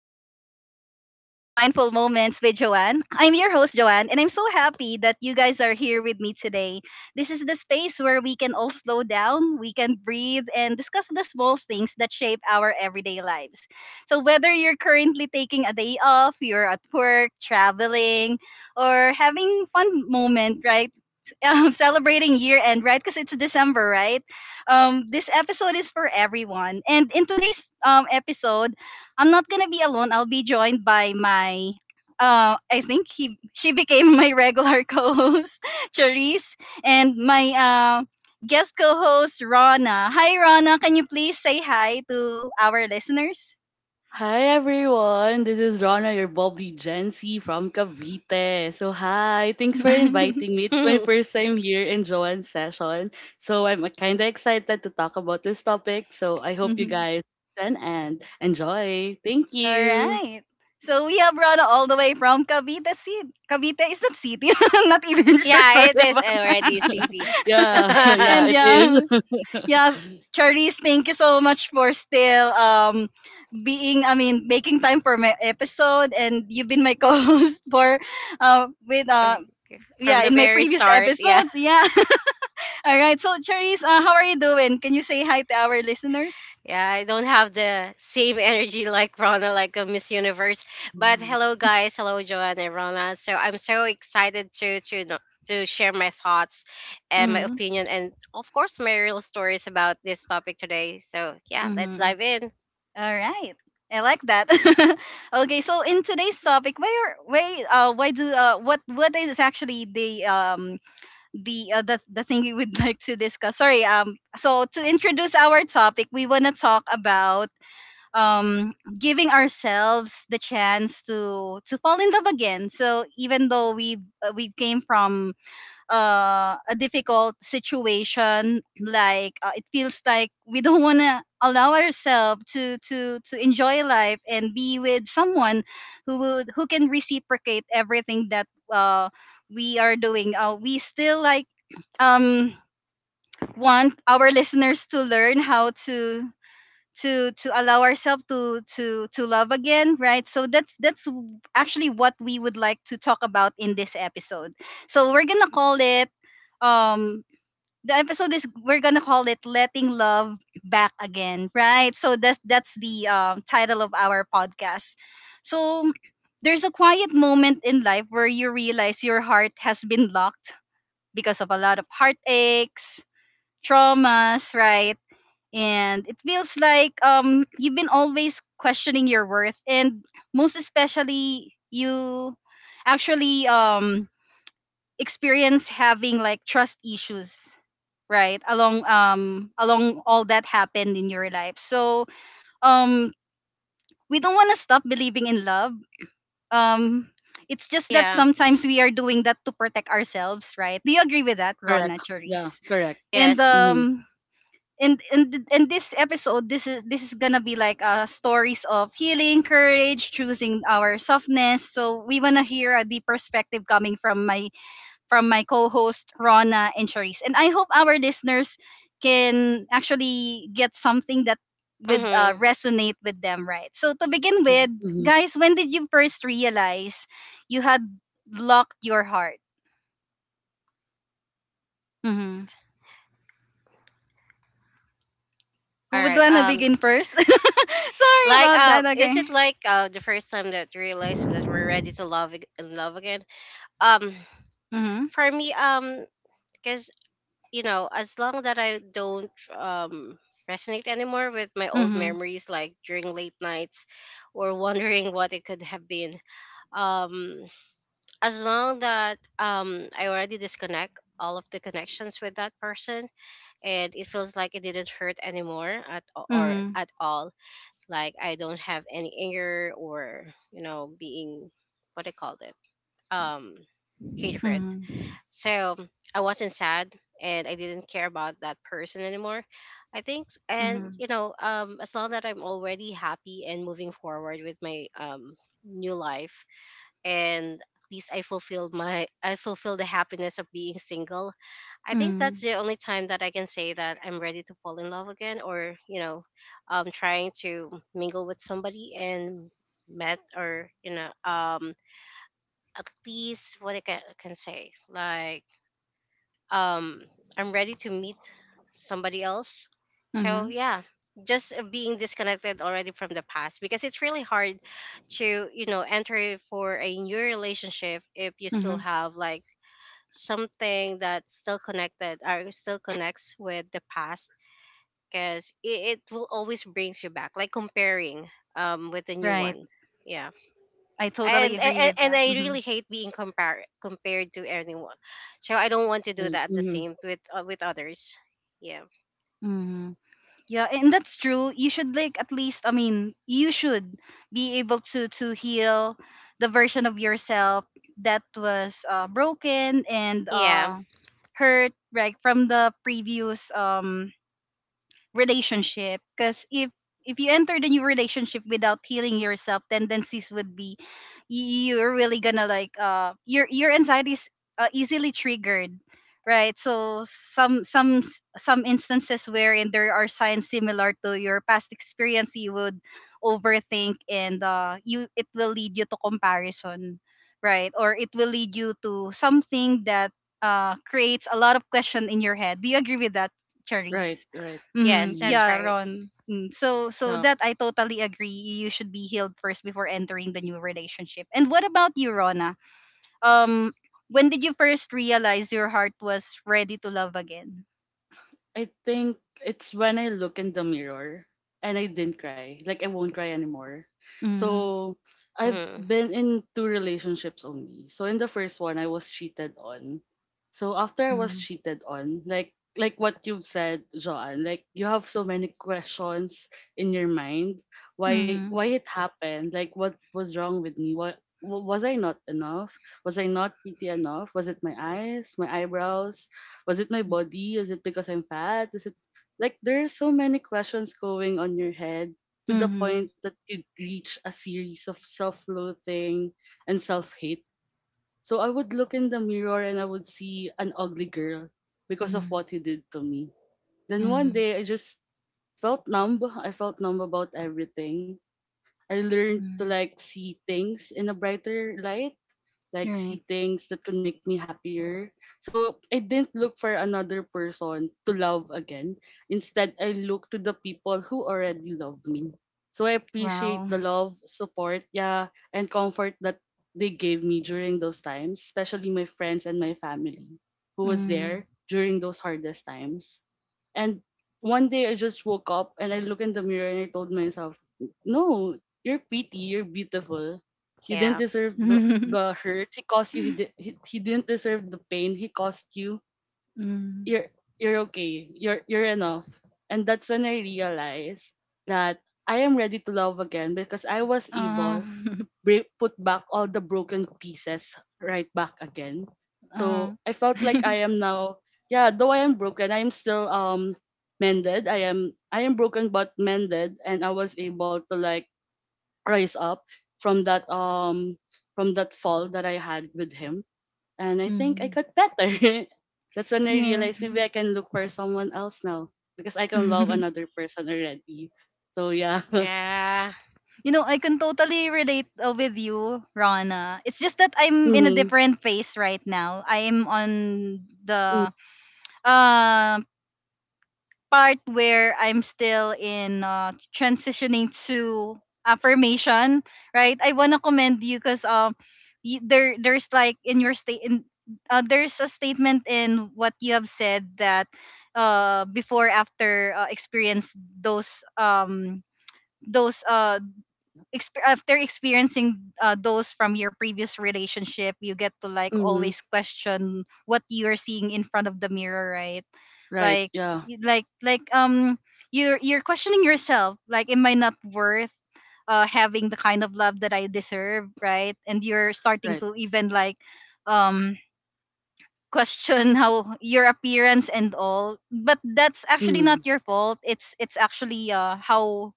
everyone. Welcome to Mindful Moments with Joanne. I'm your host Joanne, and I'm so happy that you guys are here with me today. This is the space where we can all slow down, we can breathe and discuss the small things that shape our everyday lives. So whether you're currently taking a day off, you're at work, traveling, or having fun moment, right? Celebrating year end, right? Because it's December, right? This episode is for everyone. And in today's episode, I'm not gonna be alone. I'll be joined by my. I think he she became my regular co-host, Charisse, and my guest co-host Rana. Hi, Rana. Can you please say hi to our listeners? Hi everyone, this is Rana, your bubbly Gen Z from Cavite. So hi, thanks for inviting me. It's my yeah, first time here in Joanne's session, so I'm kind of excited to talk about this topic. So I hope you Mhm. guys listen and enjoy. Thank All you. right. So we have run all the way from Cavite City. Cavite is that city? I'm not even sure. Sorry it is about already that. city. Yeah, yeah, and it is. yeah, yeah. Charisse, thank you so much for still being making time for my episode, and you've been my co-host for with F- From yeah, the in my very previous start, yeah. episodes, yeah. All right, so Charisse, how are you doing? Can you say hi to our listeners? Yeah, I don't have the same energy like Rona, like a Miss Universe. But hello, Mhm. guys. Hello, Joanne and Rona. So I'm so excited to share my thoughts and my Mm-hmm. opinion, and of course, my real stories about this topic today. So yeah, let's Mm-hmm. dive in. All right. I like that. Okay, so in today's topic, why are why do what is actually the the thing we would like to discuss? Sorry, so to introduce our topic, we want to talk about um giving ourselves the chance to fall in love again. So even though we came from a difficult situation, it feels like we don't want to allow ourselves to enjoy life and be with someone who can reciprocate everything that uh, we are doing. We still like um want our listeners to learn how to allow ourselves to love again, right? So that's actually what we would like to talk about in this episode. So we're gonna call it um the episode is we're gonna call it Letting Love Back Again, right? So that's the title of our podcast. So there's a quiet moment in life where you realize your heart has been locked because of a lot of heartaches, traumas, right? And it feels like you've been always questioning your worth, and most especially you actually experience having like trust issues, right, along all that happened in your life. So um we don't want to stop believing in love. um it's just that Yeah. sometimes we are doing that to protect ourselves, right? Do you agree with that, Ron, Correct. Yeah, Cherise? correct. And Yes. Mm-hmm. In th- and this episode, this is gonna be like stories of healing, courage, choosing our softness. So we wanna hear a deep perspective coming from my co-host Rona and Charisse. And I hope our listeners can actually get something that would Mm-hmm. resonate with them, right? So to begin with, Right. Mm-hmm. guys, when did you first realize you had locked your heart? Hmm, who All would right. wanna begin first? Sorry about that. Okay. Is it like the first time that you realized that we're ready to love ag- and love again? Um, Mm-hmm. for me, because you know, as long that I don't resonate anymore with my old Mhm, memories, like during late nights, or wondering what it could have been. Um, as long that I already disconnect all of the connections with that person, and it feels like it didn't hurt anymore at or mhm, at all, like I don't have any anger, or you know, being what I called it, um hatred. mhm, So I wasn't sad and I didn't care about that person anymore. I think, and mhm, as long that I'm already happy and moving forward with my new life, and at least I fulfilled the happiness of being single. I think that's mhm, the only time that I can say that I'm ready to fall in love again, or, you know, trying to mingle with somebody and met, or, you know, at least what I can say, like um I'm ready to meet somebody else. So mhm, yeah, just being disconnected already from the past, because it's really hard to, you know, enter for a new relationship if you still mhm. have like something that's still connected or still connects with the past, because it will always brings you back, like comparing with the new Right. one. Yeah I totally and agree and, with and that. I really Mhm. hate being compared to anyone. So I don't want to do Right. that the Mm-hmm. same with others. Yeah. Mm-hmm. Yeah, and that's true. You should like, at least, you should be able to heal the version of yourself that was broken and Yeah. Hurt, right, from the previous relationship. Because if you enter the new relationship without healing yourself, tendencies would be you're really gonna like your anxiety is easily triggered. Right, so some instances wherein there are signs similar to your past experience, you would overthink, and you, it will lead you to comparison, right, or it will lead you to something that creates a lot of question in your head. Do you agree with that, Right. Cherries? Right. Mm-hmm. Yes, Mm-hmm. that's Yeah, right. Ron. Mm. So so Yeah. that I totally agree. You should be healed first before entering the new relationship. And what about you, Rona? Um, when did you first realize your heart was ready to love again? I think it's when I look in the mirror and I didn't cry. Like I won't cry anymore. Mm-hmm. So I've hmm been in two relationships only. So in the first one I was cheated on. So after I was cheated on, like what you said, Joanne, like you have so many questions in your mind. Why Mm-hmm. it happened? Like what was wrong with me? What was I not enough? Was I not pretty enough? Was it my eyes, my eyebrows, was it my body? Is it because I'm fat? Is it like there are so many questions going on your head to the Mm-hmm. point that it reach a series of self-loathing and self-hate. So I would look in the mirror and I would see an ugly girl because of Mm-hmm. what he did to me. Then one Mm-hmm. day I just felt numb. I felt numb about everything. I learned to like see things in a brighter light like Right. see things that can make me happier. So I didn't look for another person to love again. Instead, I look to the people who already love me. So I appreciate Wow. the love, support, yeah, and comfort that they gave me during those times, especially my friends and my family who was Mm. there during those hardest times. And one day I just woke up and I look in the mirror and I told myself, "No, you're pretty, you're beautiful. You didn't Yeah. deserve the, mm. the hurt he caused you. He, he didn't deserve the pain he caused you. You're you're okay. You're enough." And that's when I realized that I am ready to love again because I was able Um. Put back all the broken pieces right back again. Uh, So I felt like I am now, yeah, though I am broken, I am still mended. I am broken but mended, and I was able to like rise up from that um from that fall that I had with him, and I think I mm. got better. That's when I Yeah. realized maybe I can look for someone else now because I can love another person already. So yeah. Yeah. You know, I can totally relate with you, Rana. It's just that I'm in a Mm-hmm. different phase right now. I'm on the uh, part where I'm still in transitioning to affirmation, right? I wanna commend you because there there's like in your state in there's a statement in what you have said that before after experience those those uh after experiencing those from your previous relationship, you get to like Mm-hmm. always question what you're seeing in front of the mirror, right? Right. like Yeah. y- like like um you're questioning yourself like, am I not worth having the kind of love that I deserve, right? And you're starting Right. to even like um question how your appearance and all, but that's actually not Mm. your fault. It's actually how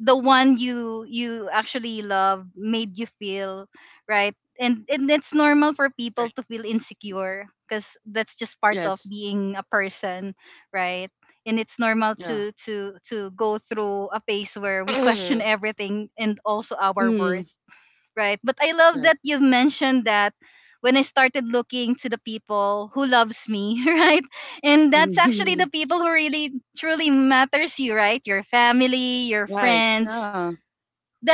the one you actually love made you feel, right? And it's normal for Right. people to feel insecure because that's just part of Yes. being a person, right? And it's normal Yeah. to go through a phase where we question hmm everything and also our worth. Mm. Right. But I love Right. that you've mentioned that when I started looking to the people who loves me, right? And that's actually the Mhm. people who really truly matters you, right? Your family, your Right. friends. Yeah.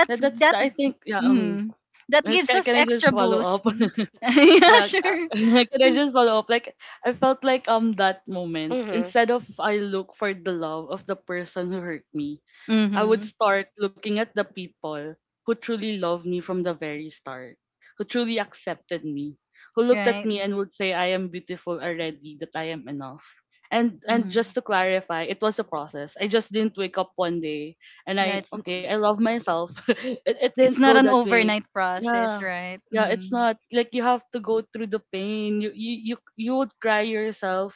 That, that's that, I think, yeah. Mm, that uh, gives Can, us can I just extra follow boost. up? Yeah, Yeah. Sure. Can I just follow up? Like I felt like that moment, hmm instead of I look for the love of the person who hurt me, I would Mhm. start looking at the people who truly loved me from the very start, who truly accepted me, who looked at Right. me and would say, I am beautiful already, that I am enough. And Mhm. just to clarify, it was a process. I just didn't wake up one day and Yeah, I okay, I love myself. It it's didn't not go an that way. overnight process, Yeah. right? Yeah, it's Mm. not like you have to go through the pain. You would cry yourself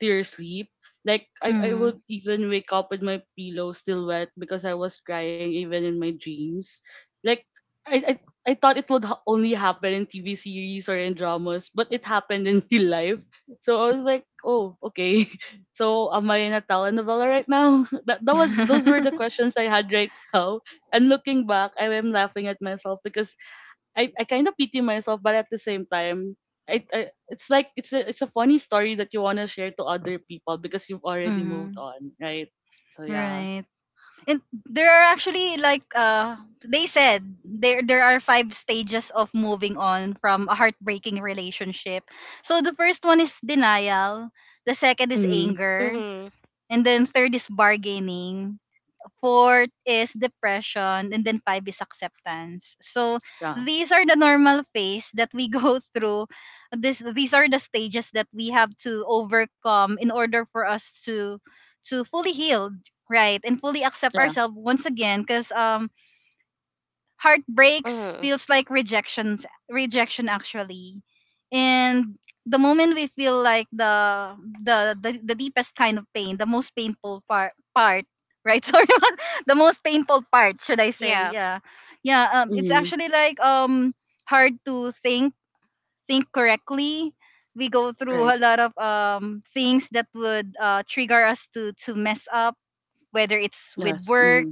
to your sleep like I Mm. would even wake up with my pillow still wet because I was crying even in my dreams. Like I I, I thought it would only happen in TV series or in dramas, but it happened in real life. So I was like, oh, okay. So am I in a telenovela right now? That that was those were the questions I had right now. And looking back, I am laughing at myself because I kind of pity myself, but at the same time, I it's like it's a funny story that you want to share to other people because you've already moved mhm. on, right? So yeah. Right. And there are actually like they said there are five stages of moving on from a heartbreaking relationship. So the first one is denial, the second is Mm-hmm. anger, hmm and then third is bargaining, fourth is depression, and then five is acceptance. So Yeah, these are the normal phase that we go through. This These are the stages that we have to overcome in order for us to fully heal, right, and fully accept yeah. ourselves once again. Because heartbreaks hmm feels like rejection, actually, and the moment we feel like the deepest kind of pain, the most painful part part, right? Sorry, the most painful part, should I say. Yeah. Yeah, yeah, it's Mm-hmm. actually like hard to think correctly. We go through Right. a lot of things that would trigger us to mess up, whether it's with Yes. work, Mm-hmm.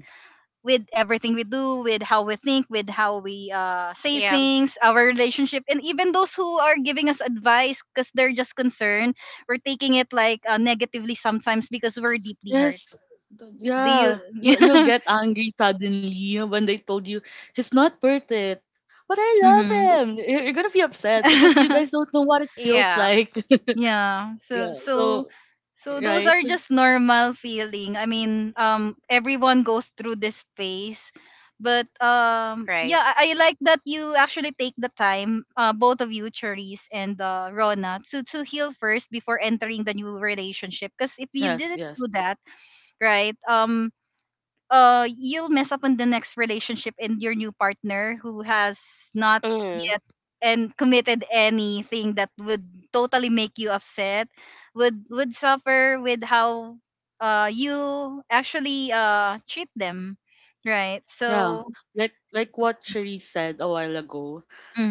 with everything we do, with how we think, with how we say Yeah. things, our relationship, and even those who are giving us advice because they're just concerned, we're taking it like negatively sometimes because we're deeply hurt. Yes. Do you? Yeah. You'll get angry suddenly when they told you he's not worth it. But I love Mm-hmm. him. You're gonna be upset because you guys don't know what it feels Yeah. like. Yeah. So Yeah. so So so those right. are just normal feeling. Everyone goes through this phase. But Right. yeah, I like that you actually take the time, both of you, Cherise and Rona, to heal first before entering the new relationship. Because if you Yes. didn't Yes. do that, right? You'll mess up on the next relationship, and your new partner who has not hmm yet and committed anything that would totally make you upset would suffer with how you actually treat them, right? Yeah, So like what Cherie said a while ago,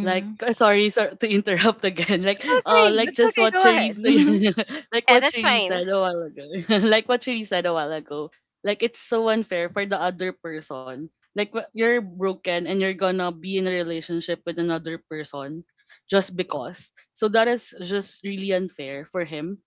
like sorry to interrupt again. Like it's uh, okay, like that's just okay, what go Cherie ahead. said, Mm-hmm. like Yeah, what that's Cherie fine. said a while ago, like what Cherie said a while ago. Like it's so unfair for the other person. Like you're broken and you're gonna be in a relationship with another person just because. So that is just really unfair for him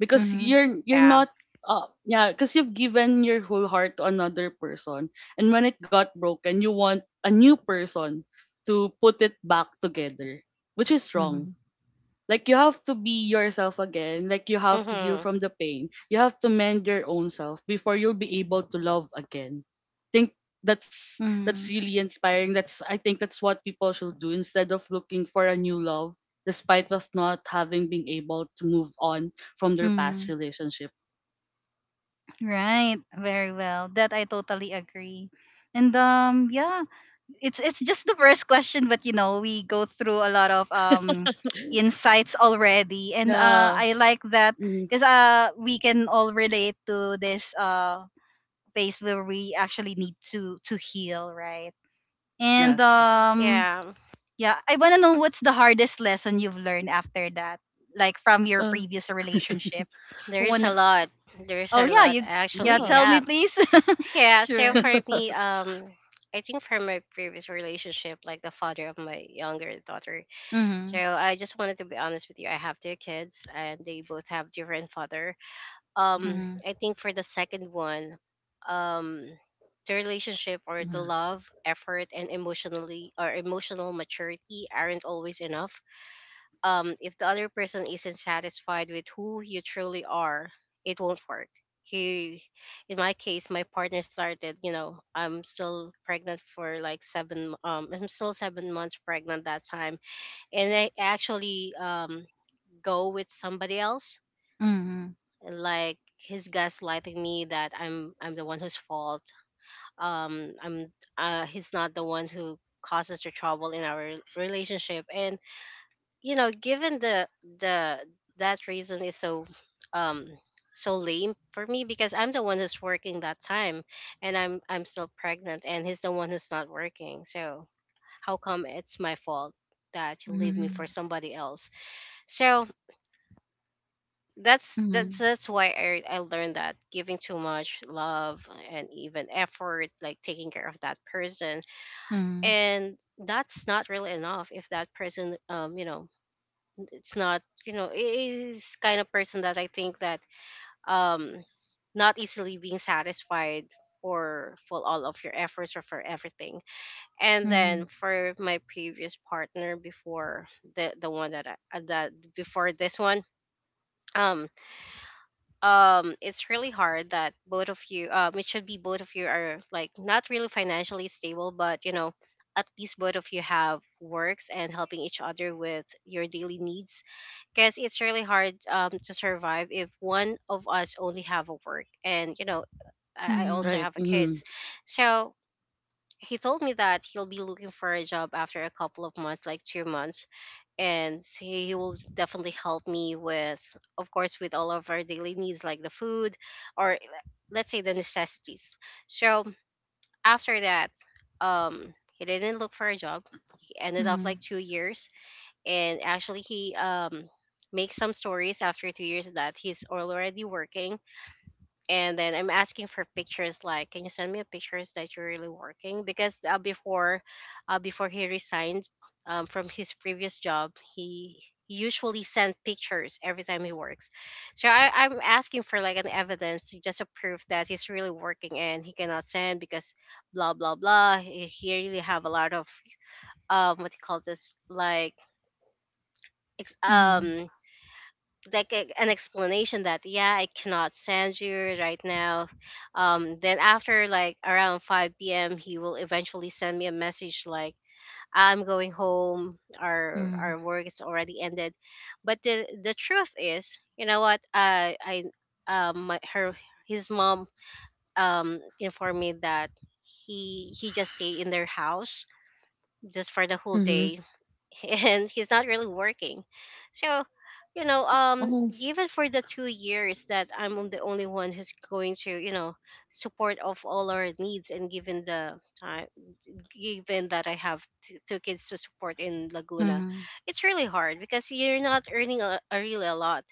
because you're Yeah. not, yeah, because you've given your whole heart to another person, and when it got broken, you want a new person to put it back together, which is wrong. Mm-hmm. Like you have to be yourself again, like you have to heal hmm from the pain. You have to mend your own self before you'll be able to love again. Think that's Mm-hmm. really inspiring. That's I think that's what people should do instead of looking for a new love despite of not having been able to move on from their past relationship. Right, very well. That I totally agree. And yeah, it's just the first question, but you know, we go through a lot of insights already, and Yeah. I like that, Mm, cuz we can all relate to this phase where we actually need to heal, right? And yes. Yeah. yeah, I want to know what's the hardest lesson you've learned after that, like from your Uh, previous relationship. There Who is want a to? lot. There is Oh a yeah, lot you, actually. yeah, yeah. tell Yeah. me please. Yeah, so Sure. for me, I think from my previous relationship, like the father of my younger daughter. So Mhm, I just wanted to be honest with you. I have two kids, and they both have different father. Um, mhm, I think for the second one, um, the relationship or the Mm-hmm. love, effort, and emotionally or emotional maturity aren't always enough, if the other person isn't satisfied with who you truly are, it won't work. He, in my case, my partner started. You know, I'm still pregnant for like seven. I'm still 7 months pregnant that time, and I actually go with somebody else. mhm, Like he's gaslighting me that I'm the one whose fault. I'm He's not the one who causes the trouble in our relationship, and you know, given the that reason is so um so lame for me, because I'm the one who's working that time, and I'm still pregnant and he's the one who's not working, so how come it's my fault that you leave me for mhm, somebody else? So that's that's mhm, that's why I learned that giving too much love and even effort, like taking care of that person, mhm, and that's not really enough if that person, you know, it's not, you know, it is kind of person that I think that um not easily being satisfied for all of your efforts or for everything. And then mhm, for my previous partner before, the one that I, that before this one, um it's really hard that both of you, it should be both of you are like not really financially stable, but you know, at least both of you have works and helping each other with your daily needs, because it's really hard to survive if one of us only have a work, and you know, I also mhm, Right. have a Mhm. kids. So he told me that he'll be looking for a job after a couple of months, like 2 months, and he will definitely help me with, of course, with all of our daily needs, like the food, or let's say the necessities. So after that, he didn't look for a job. He ended up like mhm, 2 years, and actually he makes some stories after 2 years that he's already working. And then I'm asking for pictures, like can you send me a pictures that you're really working, because before he resigned, from his previous job he usually sent pictures every time he works. So I'm asking for like an evidence, just a proof that he's really working, and he cannot send because blah blah blah, he really have a lot of what do you call this, like ex- mhm, um like a, an explanation that yeah I cannot send you right now. Then after like around 5 p.m. he will eventually send me a message like I'm going home, our mhm, work is already ended. But the truth is, you know what, I her, his mom informed me that he just stayed in their house just for the whole Mhm. day. And he's not really working. So, you know, Oh. given for the 2 years that I'm the only one who's going to, you know, support of all our needs, and given the time, given that I have two kids to support in Laguna, mhm, it's really hard because you're not earning a really a lot,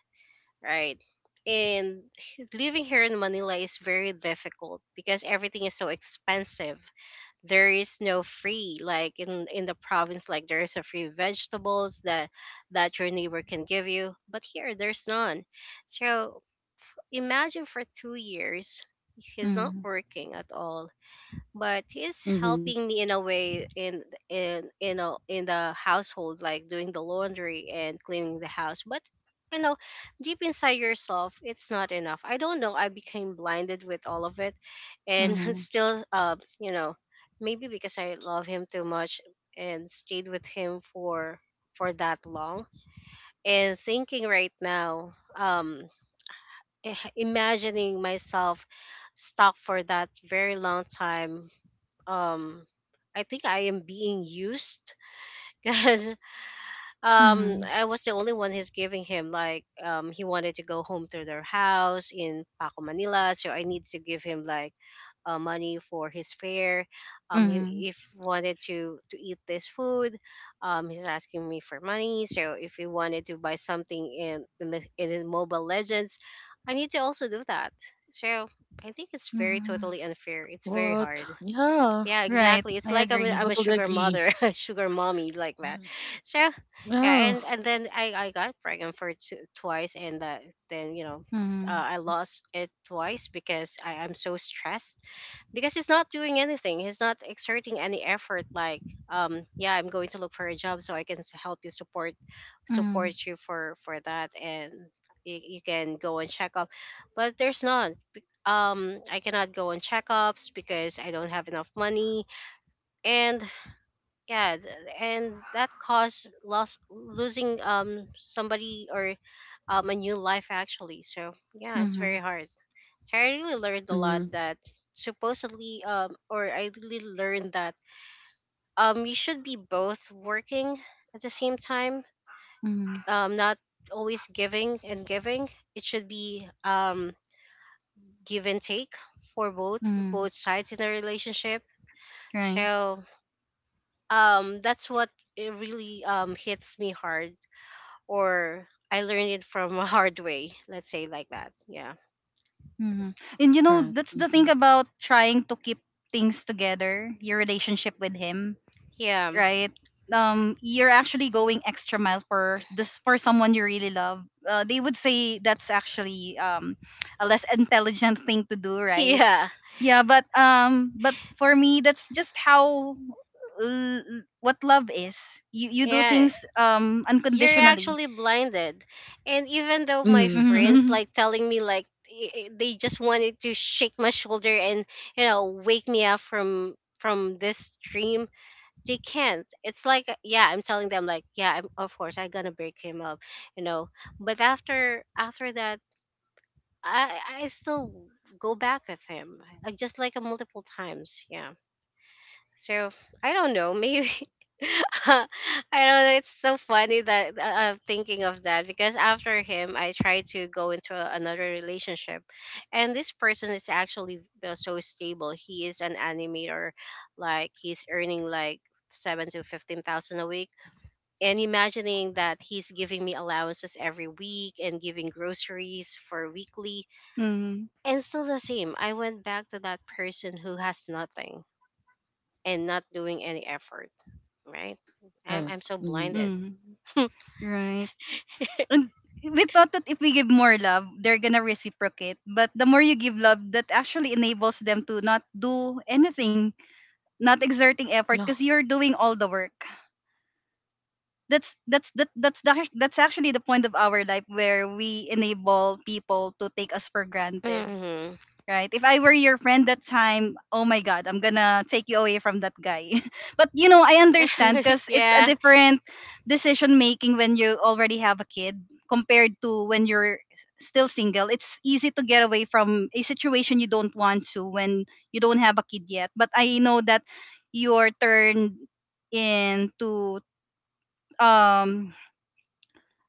right? And living here in Manila is very difficult because everything is so expensive. There is no free, like in the province, like there is a free vegetables that your neighbor can give you, but here there's none. So imagine for 2 years he's not mhm, working at all, but he's Mhm. helping me in a way, in you know, in the household, like doing the laundry and cleaning the house, but you know, deep inside yourself it's not enough. I don't know, I became blinded with all of it, and mhm, still, you know, maybe because I love him too much and stayed with him for that long. And thinking right now, imagining myself stuck for that very long time, um I think I am being used, because mhm, I was the only one, he's giving him like he wanted to go home to their house in Paco, Manila, so I need to give him like money for his fare. um he, mhm, if wanted to eat this food, he's asking me for money. So if he wanted to buy something in his Mobile Legends, I need to also do that. So I think it's very mhm. totally unfair, it's very hard. What? Yeah. Yeah, Right, exactly. It's I like agree. I'm a Totally sugar agree. mother, sugar mommy, like Yeah. that. So yeah, Yeah. And then I got pregnant for twice, and then you know, Mhm, I lost it twice because I am so stressed, because he's not doing anything, he's not exerting any effort, like yeah, I'm going to look for a job so I can help you support mhm, you for that, and you can go and check up. But there's none. I cannot go on checkups because I don't have enough money, and yeah th- and that caused loss losing somebody, or a new life actually. So yeah, it's very mhm, hard. So I really learned a Mhm. lot that supposedly, or I really learned that you should be both working at the same time. mhm, Not always giving and giving. It should be give and take for mhm. both sides in a relationship. Right. So that's what it really hits me hard, or I learned it from a hard way, let's say like that. Yeah. Mhm. And you know, Right. that's the thing Mhm. about trying to keep things together, your relationship with him, Yeah. right? You're actually going extra mile for this, for someone you really love. They would say that's actually a less intelligent thing to do, right? Yeah. Yeah, but for me, that's just how what love is. You do Yeah. things You're unconditionally. actually blinded, and even though my Mm. friends like telling me like, they just wanted to shake my shoulder and you know, wake me up from this dream, they can't. It's like yeah, I'm telling them like yeah of course I'm gonna break him up, you know. But after that, I still go back with him, just like a multiple times, yeah. So I don't know. Maybe I don't know. It's so funny that I'm thinking of that, because after him, I tried to go into another relationship, and this person is actually so stable. He is an animator, like he's earning like seven to fifteen thousand a week. And imagining that he's giving me allowances every week and giving groceries for weekly, Mm-hmm. and still the same. I went back to that person who has nothing and not doing any effort, right? I'm Right. I'm so Mhm. blinded. Mm-hmm. Right. And we thought that if we give more love, they're gonna reciprocate. But the more you give love, that actually enables them to not do anything, not exerting effort Yeah. because you're doing all the work. That's actually the point of our life where we enable people to take us for granted, Hmm. right? If I were your friend that time, oh my God, I'm gonna take you away from that guy. But I understand because it's a Yeah. different decision making when you already have a kid, compared to when you're still single. It's easy to get away from a situation you don't want to when you don't have a kid yet. But I know that your turn into um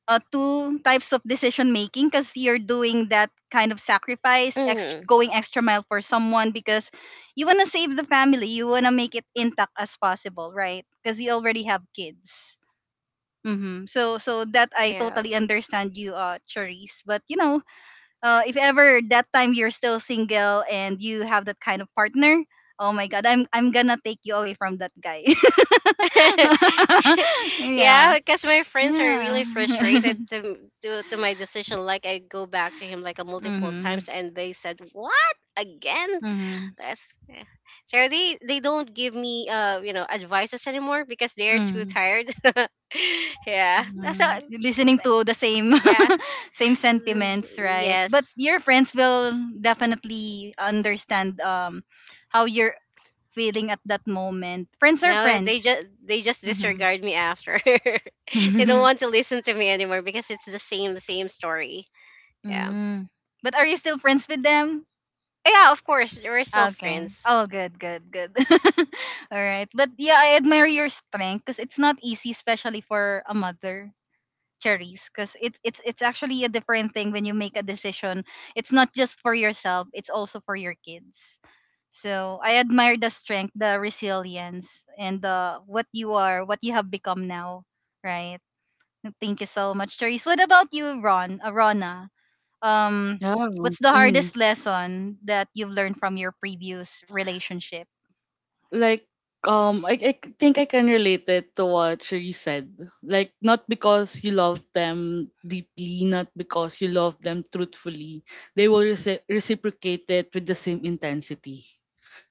two types of decision making because you're doing that kind of sacrifice, Hmm. Going extra mile for someone because you want to save the family, you want to make it intact as possible, right? Because you already have kids. Mm-hmm. So that I Yeah. totally understand you, Charisse. But if ever that time you're still single and you have that kind of partner, oh my God, I'm gonna take you away from that guy. Yeah, Yeah, because my friends are really yeah. To my decision. Like I go back to him like a multiple Mm-hmm. times, and they said, "What again?" Mhm. That's, yeah. So they don't give me advices anymore because they're too Mm. tired. Yeah. So Listening to the same yeah. same sentiments, right? But Yes. your friends will definitely understand how you're feeling at that moment. Friends are Now friends. they just Mhm. disregard me after. They don't want to listen to me anymore because it's the same story. Yeah. Mm. But are you still friends with them? Yeah, of course, we're still Okay. friends. Oh, good, good, good. All right. But yeah, I admire your strength because it's not easy, especially for a mother, cherries, because it's actually a different thing when you make a decision. It's not just for yourself, it's also for your kids. So I admire the strength, the resilience, and the what you are what you have become now, right? Thank you so much, cherries. What about you, Rona? um Yeah. what's the Mm. hardest lesson that you've learned from your previous relationship? Like I think I can relate it to what Sheree said. Like not because you love them deeply, not because you love them truthfully, they will reciprocate it with the same intensity.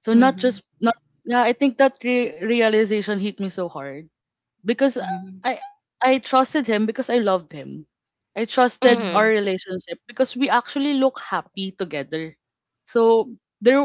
So not Mm-hmm. just not, yeah, I think that realization hit me so hard because Mm-hmm. I I trusted him because I loved him. I trusted our Mm-hmm. Mhm. relationship because we actually look happy together. So there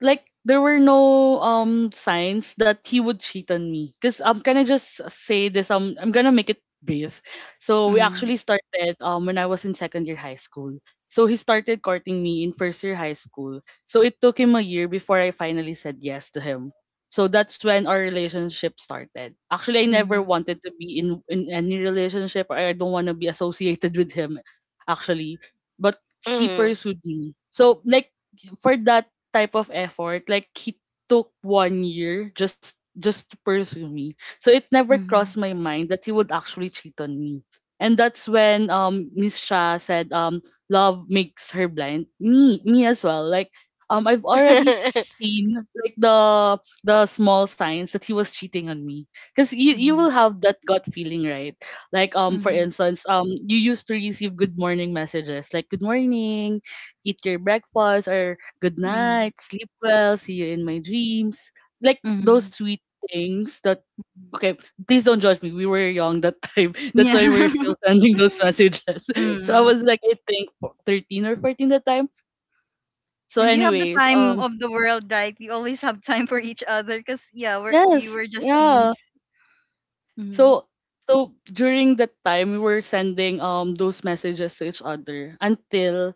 there were no signs that he would cheat on me because I'm gonna just say this, I'm gonna make it brief. So we Mm-hmm. actually started when I was in second year high school, so he started courting me in first year high school, so it took him a year before I finally said yes to him. So that's when our relationship started. Actually I never Mm-hmm. wanted to be in any relationship. I don't want to be associated with him, actually, but he Mhm. pursued me, so like, for that type of effort. Like he took one year just to pursue me. So it never Mm-hmm. crossed my mind that he would actually cheat on me. And that's when Miss Shah said, love makes her blind. Me as well. Like I've already seen, like, the small signs that he was cheating on me. Cause you Mm-hmm. will have that gut feeling, right? Like for Mm-hmm. instance, you used to receive good morning messages like good morning, eat your breakfast or good night, sleep well, see you in my dreams. Like those Mm-hmm, sweet things that mm-hmm. okay, please don't judge me. We were young that time. That's Yeah. why we're still sending those messages. So I Mm. was like I think 13 or 14 that time. So And you have the anyways, time of the world, right? You always have time for each other because, yeah, you yes, were just teens. yeah. Mm. So so during that time we were sending those messages to each other until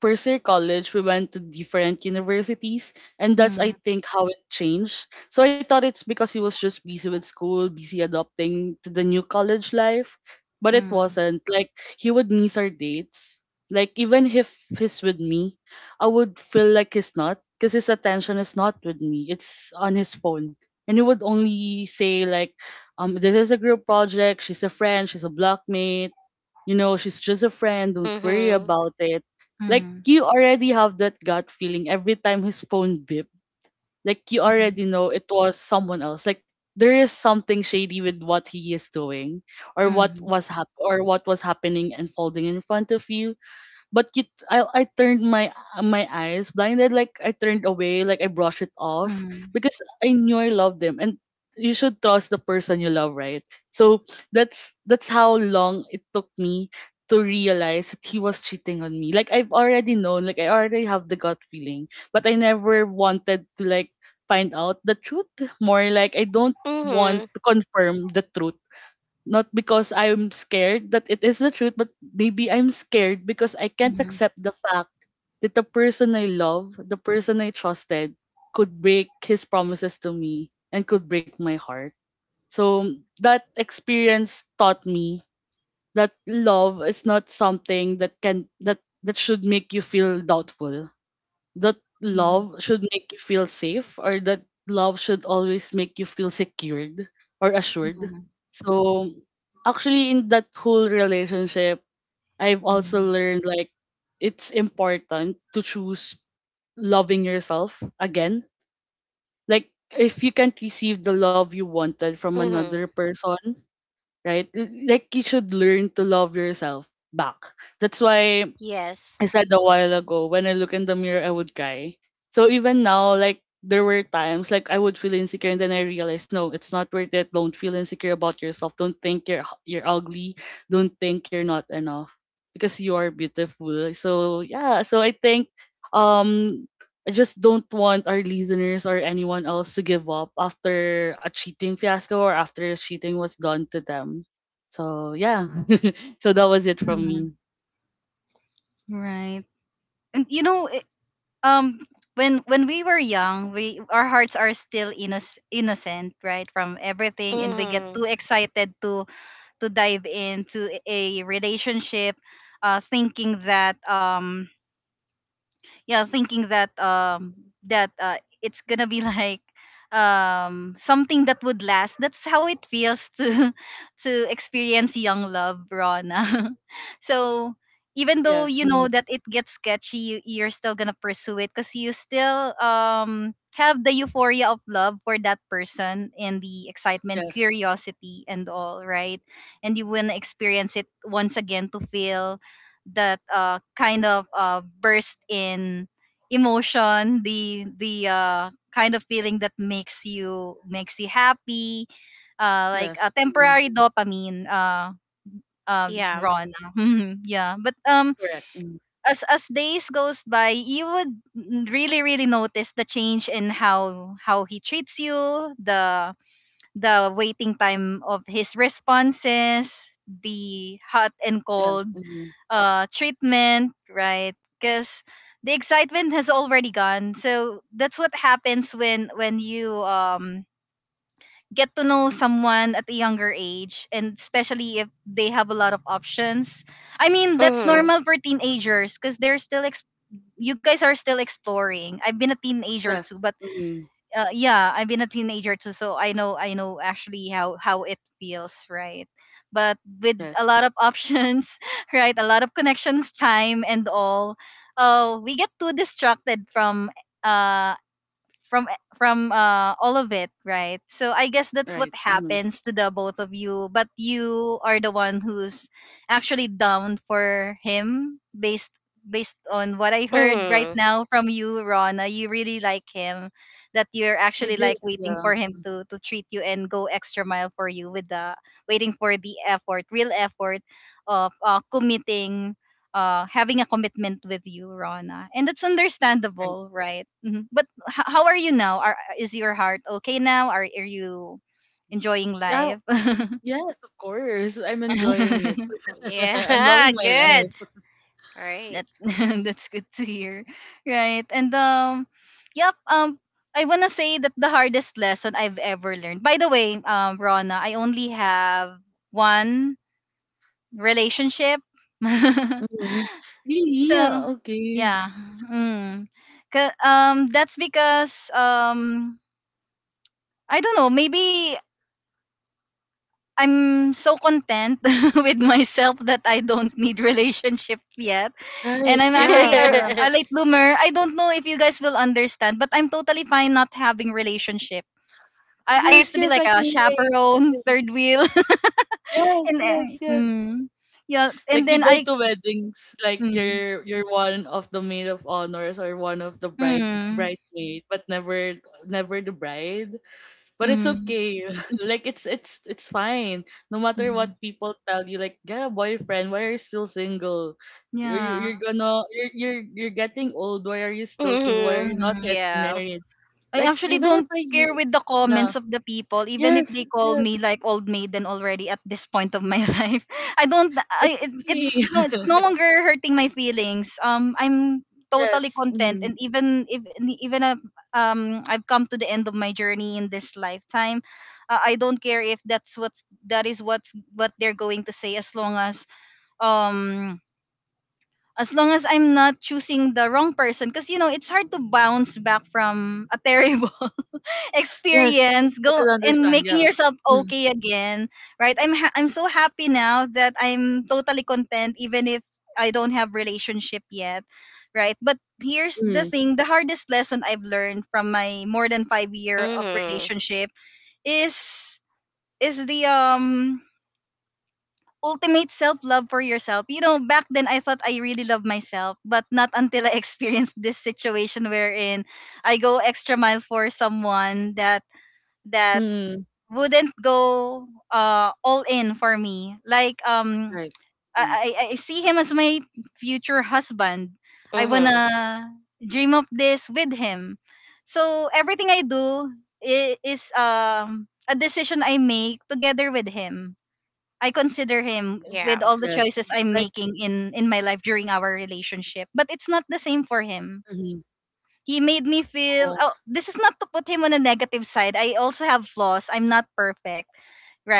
first-year college, we went to different universities, and that's I Mm. think how it changed. So I thought it's because he was just busy with school, busy adopting to the new college life, but it Mm. wasn't. Like he would miss our dates. Like even if he's with me, I would feel like he's not because his attention is not with me. It's on his phone. And he would only say like, this is a group project, she's a friend, she's a blockmate, she's just a friend. Don't worry Mhm. about it. Like Mm. you already have that gut feeling every time his phone beep. Like you Mm. already know it was someone else. Like there is something shady with what he is doing or what Mm. was or what was happening and folding in front of you. But you, I turned my eyes blinded, like I turned away, like I brushed it off Mm. because I knew I loved them, and you should trust the person you love, right? So that's how long it took me to realize that he was cheating on me. Like I've already known, like I already have the gut feeling, but I never wanted to like find out the truth. More like I don't want Mhm. to confirm the truth not because I'm scared that it is the truth, but maybe I'm scared because I can't Mm. accept the fact that the person I love, the person I trusted, could break his promises to me and could break my heart. So that experience taught me that love is not something that can that that should make you feel doubtful, that Mm. love should make you feel safe, or that love should always make you feel secured or assured. Mm. So actually, in that whole relationship, I've also Mm. learned like it's important to choose loving yourself again. Like if you can't receive the love you wanted from another Mhm. person, right? Like you should learn to love yourself back. That's why Yes. I said a while ago, when I look in the mirror, I would cry. So even now, like there were times like I would feel insecure, and then I realized, no, it's not worth it. Don't feel insecure about yourself. Don't think you're ugly. Don't think you're not enough because you are beautiful. So yeah, so I think um I just don't want our listeners or anyone else to give up after a cheating fiasco or after cheating was done to them. So yeah, so that was it from Mm. me. Right. And um, when we were young, we our hearts are still innocent, right? From everything, and we get Mhm. too excited to dive into a relationship, thinking that yeah thinking that that uh, it's gonna be like something that would last. That's how it feels to to experience young love, Rona. So even though Yes. you know Mm. that it gets sketchy, you're still gonna pursue it because you still have the euphoria of love for that person and the excitement, Yes. curiosity, and all, right? And you wanna experience it once again to feel that kind of burst in emotion, the kind of feeling that makes you happy, like a Yes. Mm. temporary dopamine, Yeah. Rona. Yeah, but Correct. Mm. as days goes by you would really, really notice the change in how he treats you, the the waiting time of his responses, the hot and Yes. cold Mm. Treatment, right? Because the excitement has already gone. So that's what happens when you get to know someone at a younger age, and especially if they have a lot of options. I mean, that's Mhm. Ye- normal for teenagers because they're still you guys are still exploring. I've been a teenager too, Yes. but Mm. Yeah, I've been a teenager too, so I know, I know actually how it feels, right? But with Yes. a lot of options, right? A lot of connections, time, and all, we get too distracted from uh from all of it, right? So I guess that's what Right. Mm. happens to the both of you, but you are the one who's actually down for him based on what I heard right Mhm. now from you, Rona. You really like him, that you're I actually did. like waiting Yeah. for him to treat you and go extra mile for you with the, waiting for the effort, real effort of committing, having a commitment with you, Rona. And that's Right. understandable, right? Mhm. But how are you now? Are, is your heart okay now? Are you enjoying Yeah. life? Yes, of course. I'm enjoying it. I'm loving Yeah. my Mm. Good. life. All right. That's that's good to hear, right? And yep, I want to say that the hardest lesson I've ever learned, by the way, Rona, I only have one relationship. Mm. Really? Yeah. So Okay. yeah. Mm. That's because I don't know, maybe I'm so content with myself that I don't need relationship yet. And Right. I'm actually Yeah. Yeah. a late bloomer. I don't know if you guys will understand, but I'm totally fine not having relationship. I used Yes. to be Yes. like I can a relate. chaperone, third Yes. wheel. Yes. And Yes. Yes. mm, yeah, and Like you then go I to weddings, like mm, you're one of the maid of honors or one of the bride mm, bridesmaid, but never the bride. But it's mm, mm, okay. Like it's fine. No matter mm, what people tell you, like get a boyfriend. Why are you still single? You're you're you're yeah. gonna you're you're getting old. Why are you still single? Why are Mhm. you not Mm. getting Yeah. married? I Like actually even if don't I hear, care with the yeah, comments of the people, even if yes, they call yes, me like old maiden already at this point of my life. I don't. it's I it, okay. It's no longer hurting my feelings. I'm totally Yes. content, Mm. and even if even if, I've come to the end of my journey in this lifetime, I don't care if that's what's that is what's what they're going to say, as long um. as long as I'm not choosing the wrong person, because you know it's hard to bounce back from a terrible Yes, experience, I go can and understand. making Yeah. yourself Mm. okay again, right? I'm so happy now that I'm totally content even if I don't have relationship yet, right? But here's the Mm. thing, the hardest lesson I've learned from my more than 5 year of Mhm. relationship is the ultimate self love for yourself. You know, back then I thought I really loved myself, but not until I experienced this situation wherein I go extra mile for someone that that Mm. wouldn't go all in for me. Like Right. Mm. I see him as my future husband. I Mhm. wanna dream of this with him. So everything I do, is a decision I make together with him. I consider him Yeah. with all the Yes. choices I'm Like making in my life during our relationship. But it's not the same for him. mhm. He made me feel, Oh, oh, this is not to put him on a negative side, I also have flaws, I'm not perfect,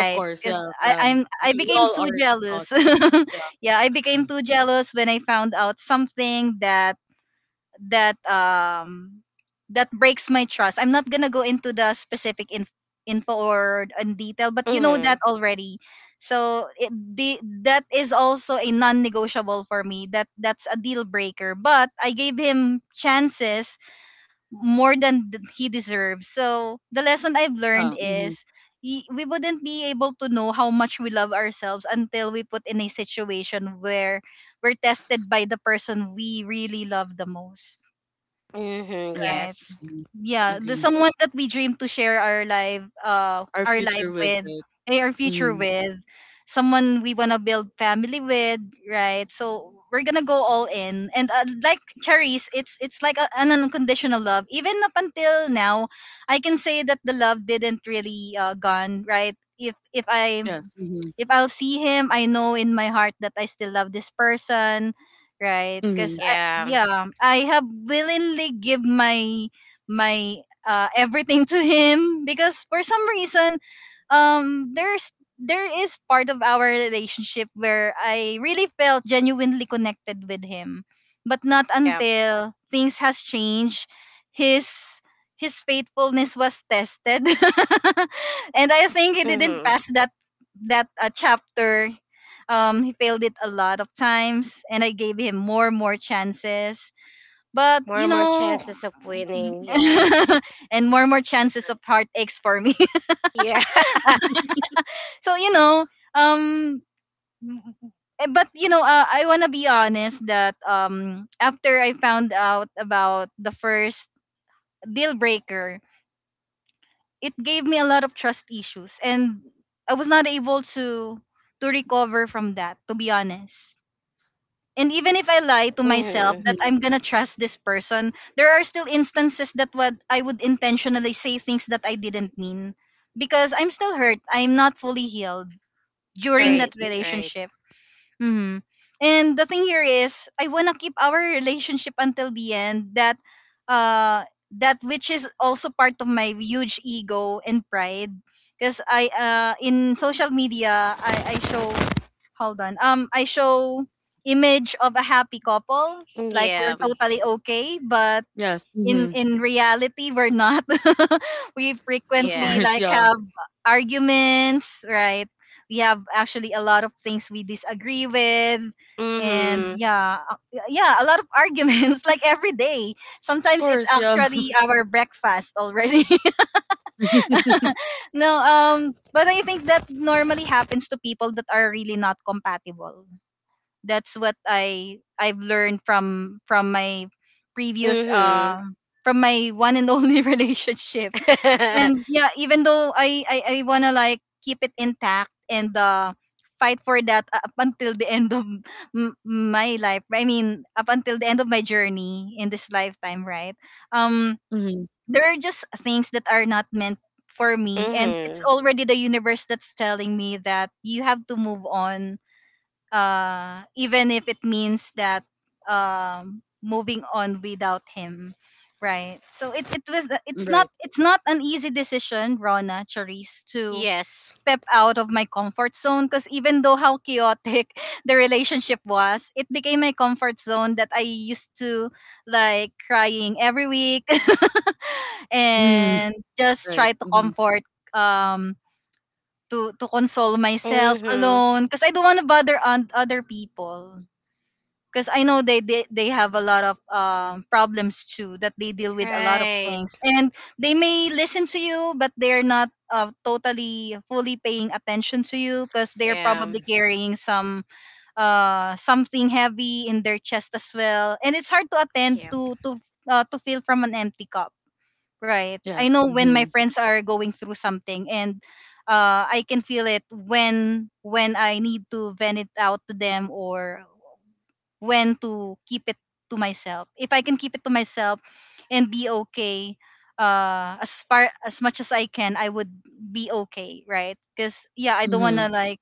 of course, Because yeah, i'm yeah. i I'm I We became all too are not jealous. perfect. Yeah, I Yeah. became too jealous when I found out something that that um that breaks my trust. I'm not gonna go into the specific, info, or in detail, but you know Mhm. that already. So it, the that is also a non-negotiable for me, that's a deal breaker, but I gave him chances more than he deserves. So the lesson I've learned Yeah. Mhm. is, we wouldn't be able to know how much we love ourselves until we put in a situation where we're tested by the person we really love the most. Mhm. Right. Right? Yes. Mhm. Yeah, the Agree. someone that we dream to share Our our life future with with, it. Our future Mhm. with, someone we want to build family with, right? So we're gonna go all in and, like cherries, it's like an unconditional love even up until now. I can say that the love didn't really gone, right? if if i Yes. Mhm. if I'll see him, I know in my heart that I still love this person, right? Because Mhm. Yeah. yeah, I have willingly give my everything to him, because for some reason, um, there's there is part of our relationship where I really felt genuinely connected with him, but not Yeah. until things has changed, his his faithfulness was tested. And I think he didn't Hmm. pass that chapter. He failed it a lot of times, and I gave him more and more chances, but More you and more know, chances of winning. Yeah. And more chances of heartaches for me. Yeah. So um but I want to be honest that after I found out about the first deal breaker, it gave me a lot of trust issues, and I was not able to recover from that, to be honest. And even if I lie to myself Hmm. that Mhm. I'm gonna trust this person, there are still instances that what I would intentionally say things that I didn't mean, because I'm still hurt. I'm not fully healed during Right. Right. that Mhm. Right. relationship. Mm-hmm. And the thing here is, I wanna keep our relationship until the end. Uh, that which is also part of my huge ego and pride, because I in social media I show, hold on, I show image of a happy couple, like Yeah. we're totally okay, but Yes. in Mhm. in reality we're not. We Of frequently course. like Yes. Yeah. have arguments, right? We have actually a lot of things we disagree with, and Hmm. yeah a lot of arguments like every day. Of Sometimes it's course. Yeah. actually our breakfast already. No, but I think that normally happens to people that are really not compatible. That's what I've learned from my previous, Hmm. from my one and only relationship. And yeah, even though I wanna like keep it intact and fight for that up until the end of my life. I mean, up until the end of my journey in this lifetime, right? Um, Mhm. there are just things that are not meant for me, and it's Hmm. already the universe that's telling me that you have to move on, even if it means that, moving on without him, right? So it, it was it's Right. not it's not an easy decision, Rona, Charisse, to Yes. step out of my comfort zone, because even though how chaotic the relationship was, it became my comfort zone that I used to like crying every week Mhm. and just Right. try to Mhm. comfort, um to console myself Hmm. alone, because I don't want to bother on other people. Because I know they have a lot of problems too that they deal with a lot of Right. things, and they may listen to you but they're not, totally fully paying attention to you, because they're Yeah. probably carrying something heavy in their chest as well, and it's hard to attend Yep. to fill from an empty cup. Right. I Yes. know when my Mhm. friends are going through something, and I can feel it when I need to vent it out to them, or when to keep it to myself. If I can keep it to myself and be okay, as far as much as I can, I would be okay, right? Cuz yeah, I don't want Mhm. to like,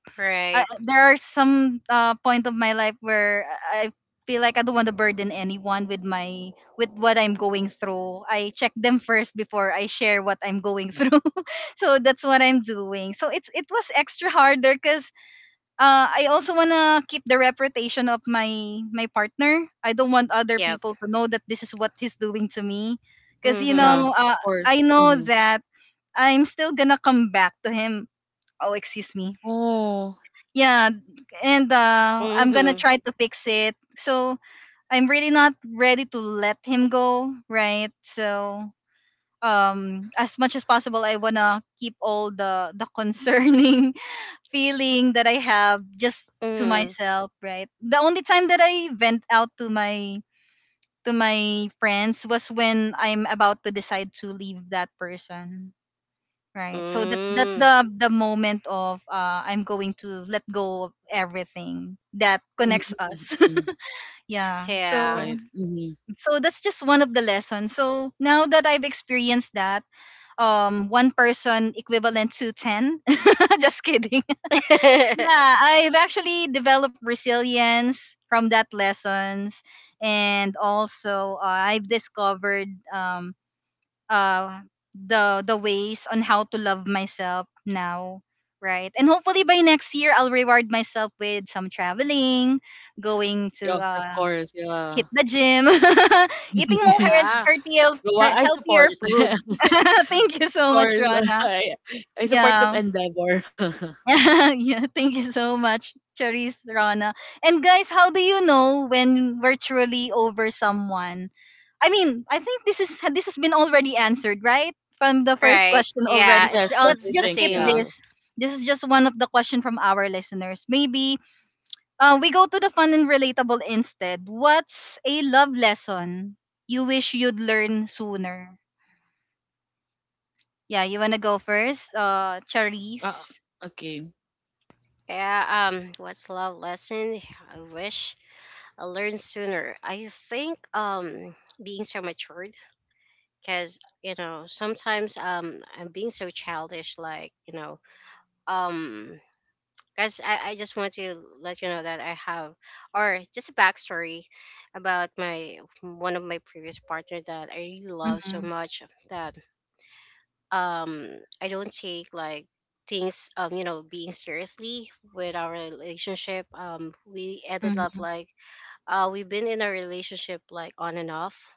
Right. there are some, point of my life where I I feel like I don't want to burden anyone with my, with what I'm going through. I check them first before I share what I'm going through. So that's what I'm doing. So it was extra harder because, I also wanna keep the reputation of my partner. I don't want other Yep. people to know that this is what he's doing to me. Because Yeah. Hmm. Of course. I know Mhm. that I'm still gonna come back to him. Oh, excuse me, Oh. yeah, and Hmm. I'm gonna Hmm. try to fix it, so I'm really not ready to let him go, right? So, as much as possible, I wanna keep all the concerning feeling that I have just to myself, right? The only time that I vent out to my friends was when I'm about to decide to leave that person, right? So that's that's Mm. the the moment of, I'm going to let go of everything that Mhm. connects us. Mhm. Yeah, Yeah. so Right. Mhm. so that's just one of the lessons. So now that I've experienced that, one person equivalent to 10. Just kidding. Yeah, I've actually developed resilience from that lessons. And also, I've discovered, um uh the ways on how to love myself now, right? And hopefully by next year I'll reward myself with some traveling, going to, Yes. Of course. hit Yeah. the gym eating more heart- Yeah. heartier Well, heart- I support. healthier food. Of Thank you so much, course. Rana. I I support that Yeah. endeavor. Yeah, thank you so much, Charisse, Rana. And guys, how do you know when we're truly over someone? I mean, I think this has been already answered, right? From the first Right. question Yeah. already. It's Yes, all yes, Let's I the just think, skip yeah. same. this. This is just one of the question from our listeners. Maybe, we go to the fun and relatable instead. What's a love lesson you wish you'd learn sooner? Yeah, you wanna go first, Uh, Charisse. okay. Yeah, what's love lesson? I wish I learned sooner. I think being so matured because you know sometimes I'm being so childish, like you know, um guys, I just want to let you know that I have, or just a backstory about my one of my previous partner that I really love so Mm-hmm. much, that um I don't take like things, you know, being seriously with our relationship. We ended up Mm-hmm. like, we've been in a relationship like on and off,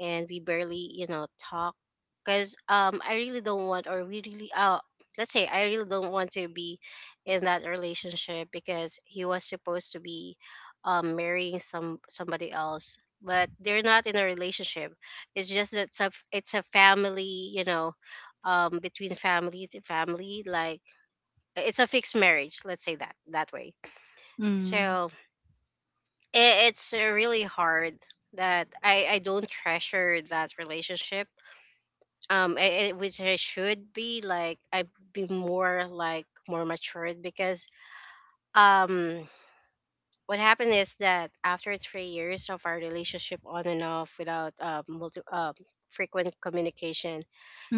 and we barely, you know, talk, because I really don't want, or we really let's say I really don't want to be in that relationship, because he was supposed to be marrying somebody else, but they're not in a relationship. It's just that it's a family, you know, between family to family. Like it's a fixed marriage, let's say that that way. Mm-hmm. So it's really hard that I don't treasure that relationship. Which I should be like, I'd be more like more matured, because um what happened is that after 3 years of our relationship on and off without multi frequent communication,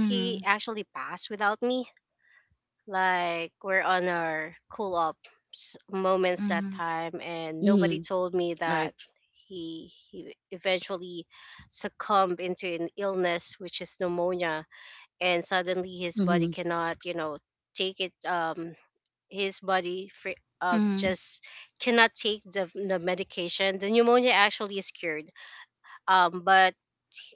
he actually passed without me. Like we're on our cool up s- moments that Mhm, time, and nobody Mhm. told me Right. that he eventually succumbed into an illness which is pneumonia, and suddenly his body Mhm. cannot, you know, take it. His body mhm, just cannot take the medication. The pneumonia actually is cured, but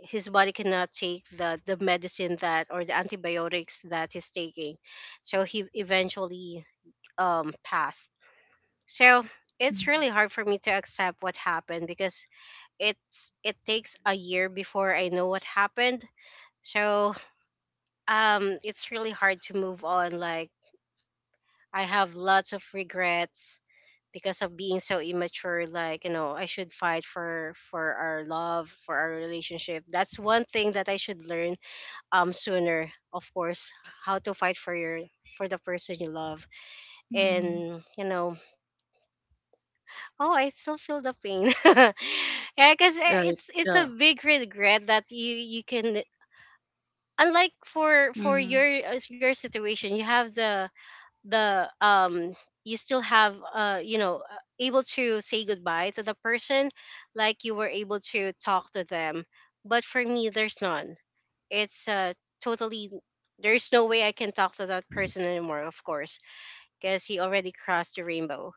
his body cannot take the medicine, that, or the antibiotics that he's taking. So he eventually passed. So it's mhm, really hard for me to accept what happened, because it takes a year before I know what happened. So it's really hard to move on. Like I have lots of regrets, because of being so immature. Like you know, I should fight for our love, for our relationship. That's one thing that I should learn sooner, of course: how to fight for your, for the person you love. mhm, And you know, oh, I still feel the pain. Yeah, because it's Right. it's a Yeah. big regret that you can, unlike for mhm, your situation, you have the, the um you still have, you know, able to say goodbye to the person, like you were able to talk to them. But for me there's none. It's totally, there's no way I can talk to that person anymore, of course, because he already crossed the rainbow.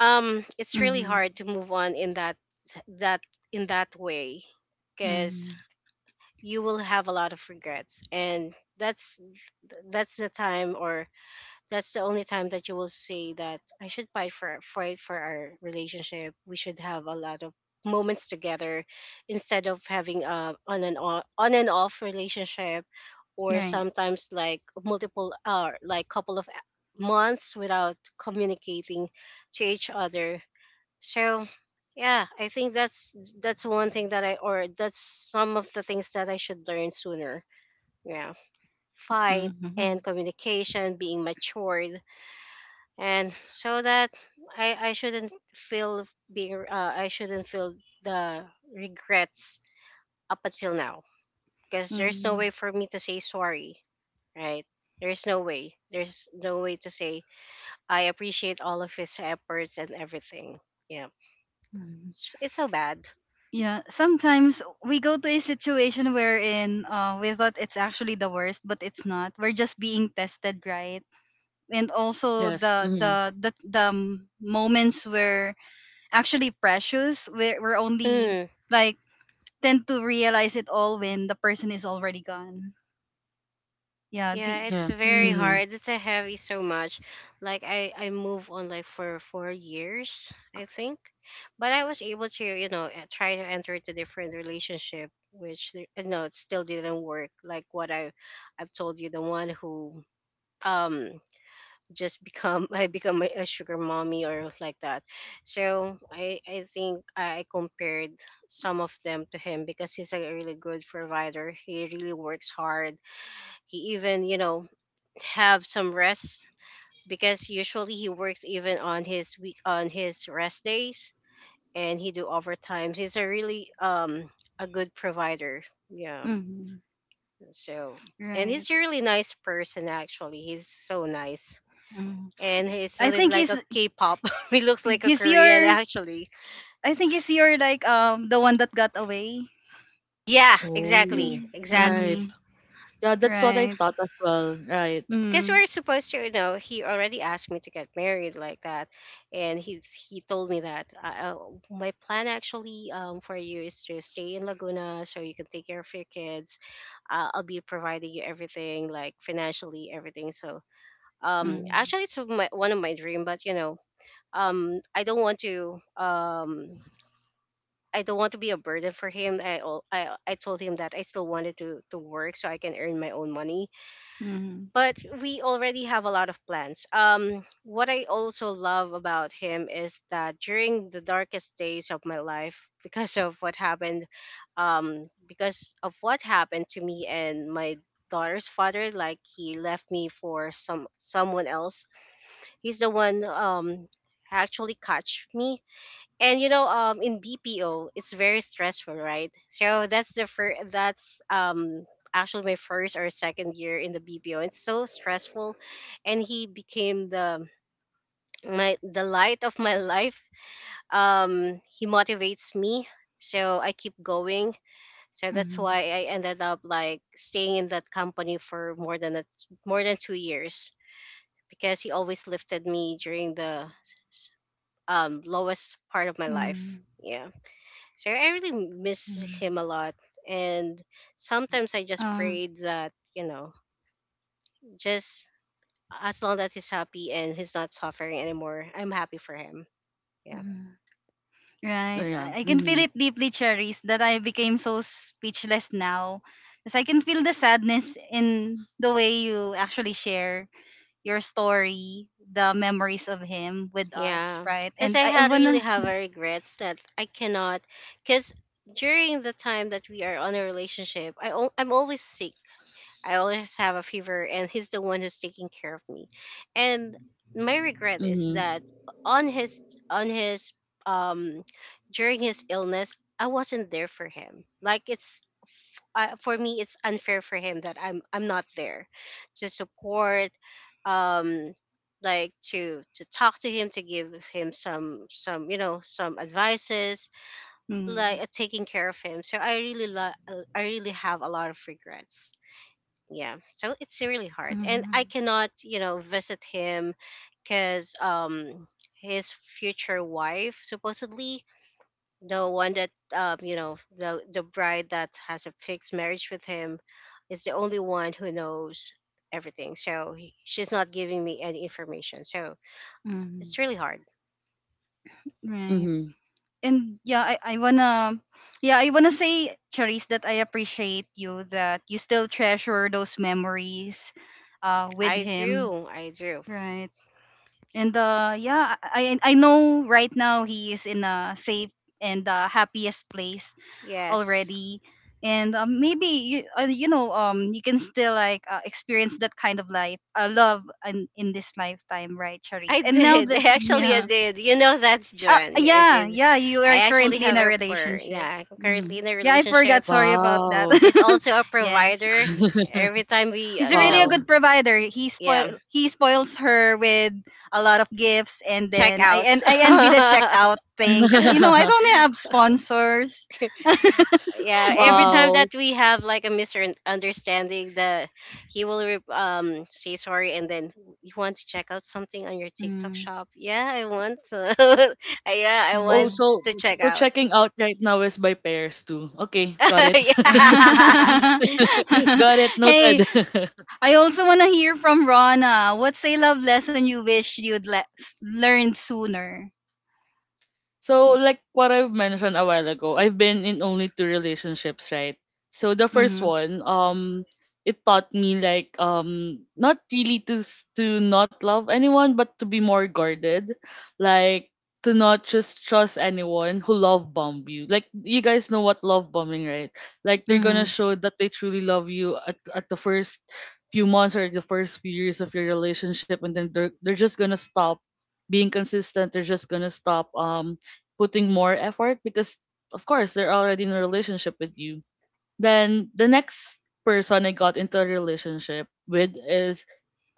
It's really mhm, hard to move on in that, in that way, because mhm. you will have a lot of regrets. And that's the time, or that's the only time that you will say that i should fight for, fight for our relationship. We should have a lot of moments together, instead of having a on and off relationship, or Right. sometimes like multiple, like couple of months without communicating to each other. So yeah, I think that's one thing that I, or that's some of the things that I should learn sooner. Yeah. Fight and Mhm, communication, being matured, and so that I shouldn't feel, being I shouldn't feel the regrets up until now, because there's no mhm, way for me to say sorry, right? There's no way. There's no way to say I appreciate all of his efforts and everything. Yeah, mhm. it's so bad. Yeah, sometimes we go to a situation wherein, we thought it's actually the worst, but it's not. We're just being tested, right? And also Yes. the Mhm. the the, the moments were actually precious. We're only Mm. like tend to realize it all when the person is already gone. Yeah. Yeah, The. it's Yes. very Mm, Mhm. hard. It's a heavy so much. Like I moved on like for 4 years, I think. But I was able to, you know, try to enter into different relationship, which no, it still didn't work, like what I've told you, the one who um just become, I become a sugar mommy or like that. So, I think I compared some of them to him, because he's a really good provider. He really works hard. He even, you know, have some rest, because usually he works even on his week, on his rest days, and he do overtimes. He's a really a good provider. Yeah. mm, So, and right. he's a really nice person actually. He's so nice. Mm. And he's a I little think like he's a K-pop. He looks like a he's Korean your actually. I think he's your, like, the one that got away. Yeah, exactly. Mm-hmm. Oh. Right. Exactly. Mm-hmm. Yeah, that's what I Right. thought as well. Right. Because Mm-hmm. we're supposed to, you know, he already asked me to get married like that. And he told me that, my plan actually, for you is to stay in Laguna so you can take care of your kids. I'll be providing you everything, like financially everything. So Mm-hmm. actually it's my, one of my dream. But you know, um i don't want to um I don't want to be a burden for him. I told him that I still wanted to work so I can earn my own money. Mm-hmm. But we already have a lot of plans. What I also love about him is that during the darkest days of my life, because of what happened, because of what happened to me and my daughter's father, like he left me for someone else. He's the one actually catch me. And you know, in BPO it's very stressful, right? So that's the first that's actually my first or second year in the BPO. It's so stressful. And he became the my the light of my life. He motivates me so I keep going. So that's Mm-hmm. why I ended up like staying in that company for more than a, more than 2 years, because he always lifted me during the Mm-hmm. lowest part of my life. Yeah. So I really miss Mm-hmm. him a lot. And sometimes I just Um. prayed that, you know, just as long as he's happy and he's not suffering anymore, I'm happy for him. Yeah. Mhm. Right. Oh. Yeah. I can feel Mhm. it deeply, Cherise, that I became so speechless now. Because I can feel the sadness in the way you actually share your story, the memories of him with us, Yeah. right? Because And I I had really wanna. have a regrets that I cannot. Because during the time that we are on a relationship, I'm always sick. I always have a fever, and he's the one who's taking care of me. And my regret is Mhm. that on his on his um during his illness, I wasn't there for him. Like it's for me, it's unfair for him that I'm not there to support, um, like to talk to him, to give him some, you know, some advices, Mm-hmm. like, taking care of him. So I really I really have a lot of regrets. Yeah, so it's really hard, and Mm-hmm. I cannot, you know, visit him because his future wife supposedly, the one that, you know, the bride that has a fixed marriage with him, is the only one who knows everything. So she's not giving me any information, so Mhm. it's really hard. Right. Mhm. And yeah, I wanna say, Charisse, that I appreciate you that you still treasure those memories, with I him. do, I do. Right. And yeah, I know right now he is in a safe and, happiest place Yes, already. And maybe you can still like, experience that kind of life, love in this lifetime, right, I Charisse? And now did. that's Actually, I yeah. did. You know that's John. Yeah, I Yeah, did. yeah, you I are actually currently in have a a, for relationship. yeah. I'm currently Mhm. in a Yeah, I relationship. forgot. Sorry about that. Wow. He's also a Yes. provider. Every time we, He's you really a know, good Wow. provider. He yeah, spoil he spoils her with a lot of gifts, and then I and checkouts. I envy the checkout thing, cuz I don't have sponsors. Yeah, every time that Wow. we have like a misunderstanding, the he will say sorry, and then you want to check out something on your TikTok shop. Yeah, I want. To. Yeah, I Oh, want Mm-hmm. so to check so out. checking out right now is by pairs too. Okay, got it. Yeah. Got it. Hey, Noted. I also want to hear from Rana. What's a love lesson you wish you'd learned sooner? So, like what I've mentioned a while ago, I've been in only two relationships, right? So the first Mhm. one, it taught me like not really to not love anyone, but to be more guarded, like to not just trust anyone who love bomb you. Like you guys know what love bombing, right? Like they're gonna show that they truly love you at the first few months or the first few years of your relationship, and then they're just gonna stop being consistent. They're just gonna stop putting more effort because of course they're already in a relationship with you. Then the next person I got into a relationship with is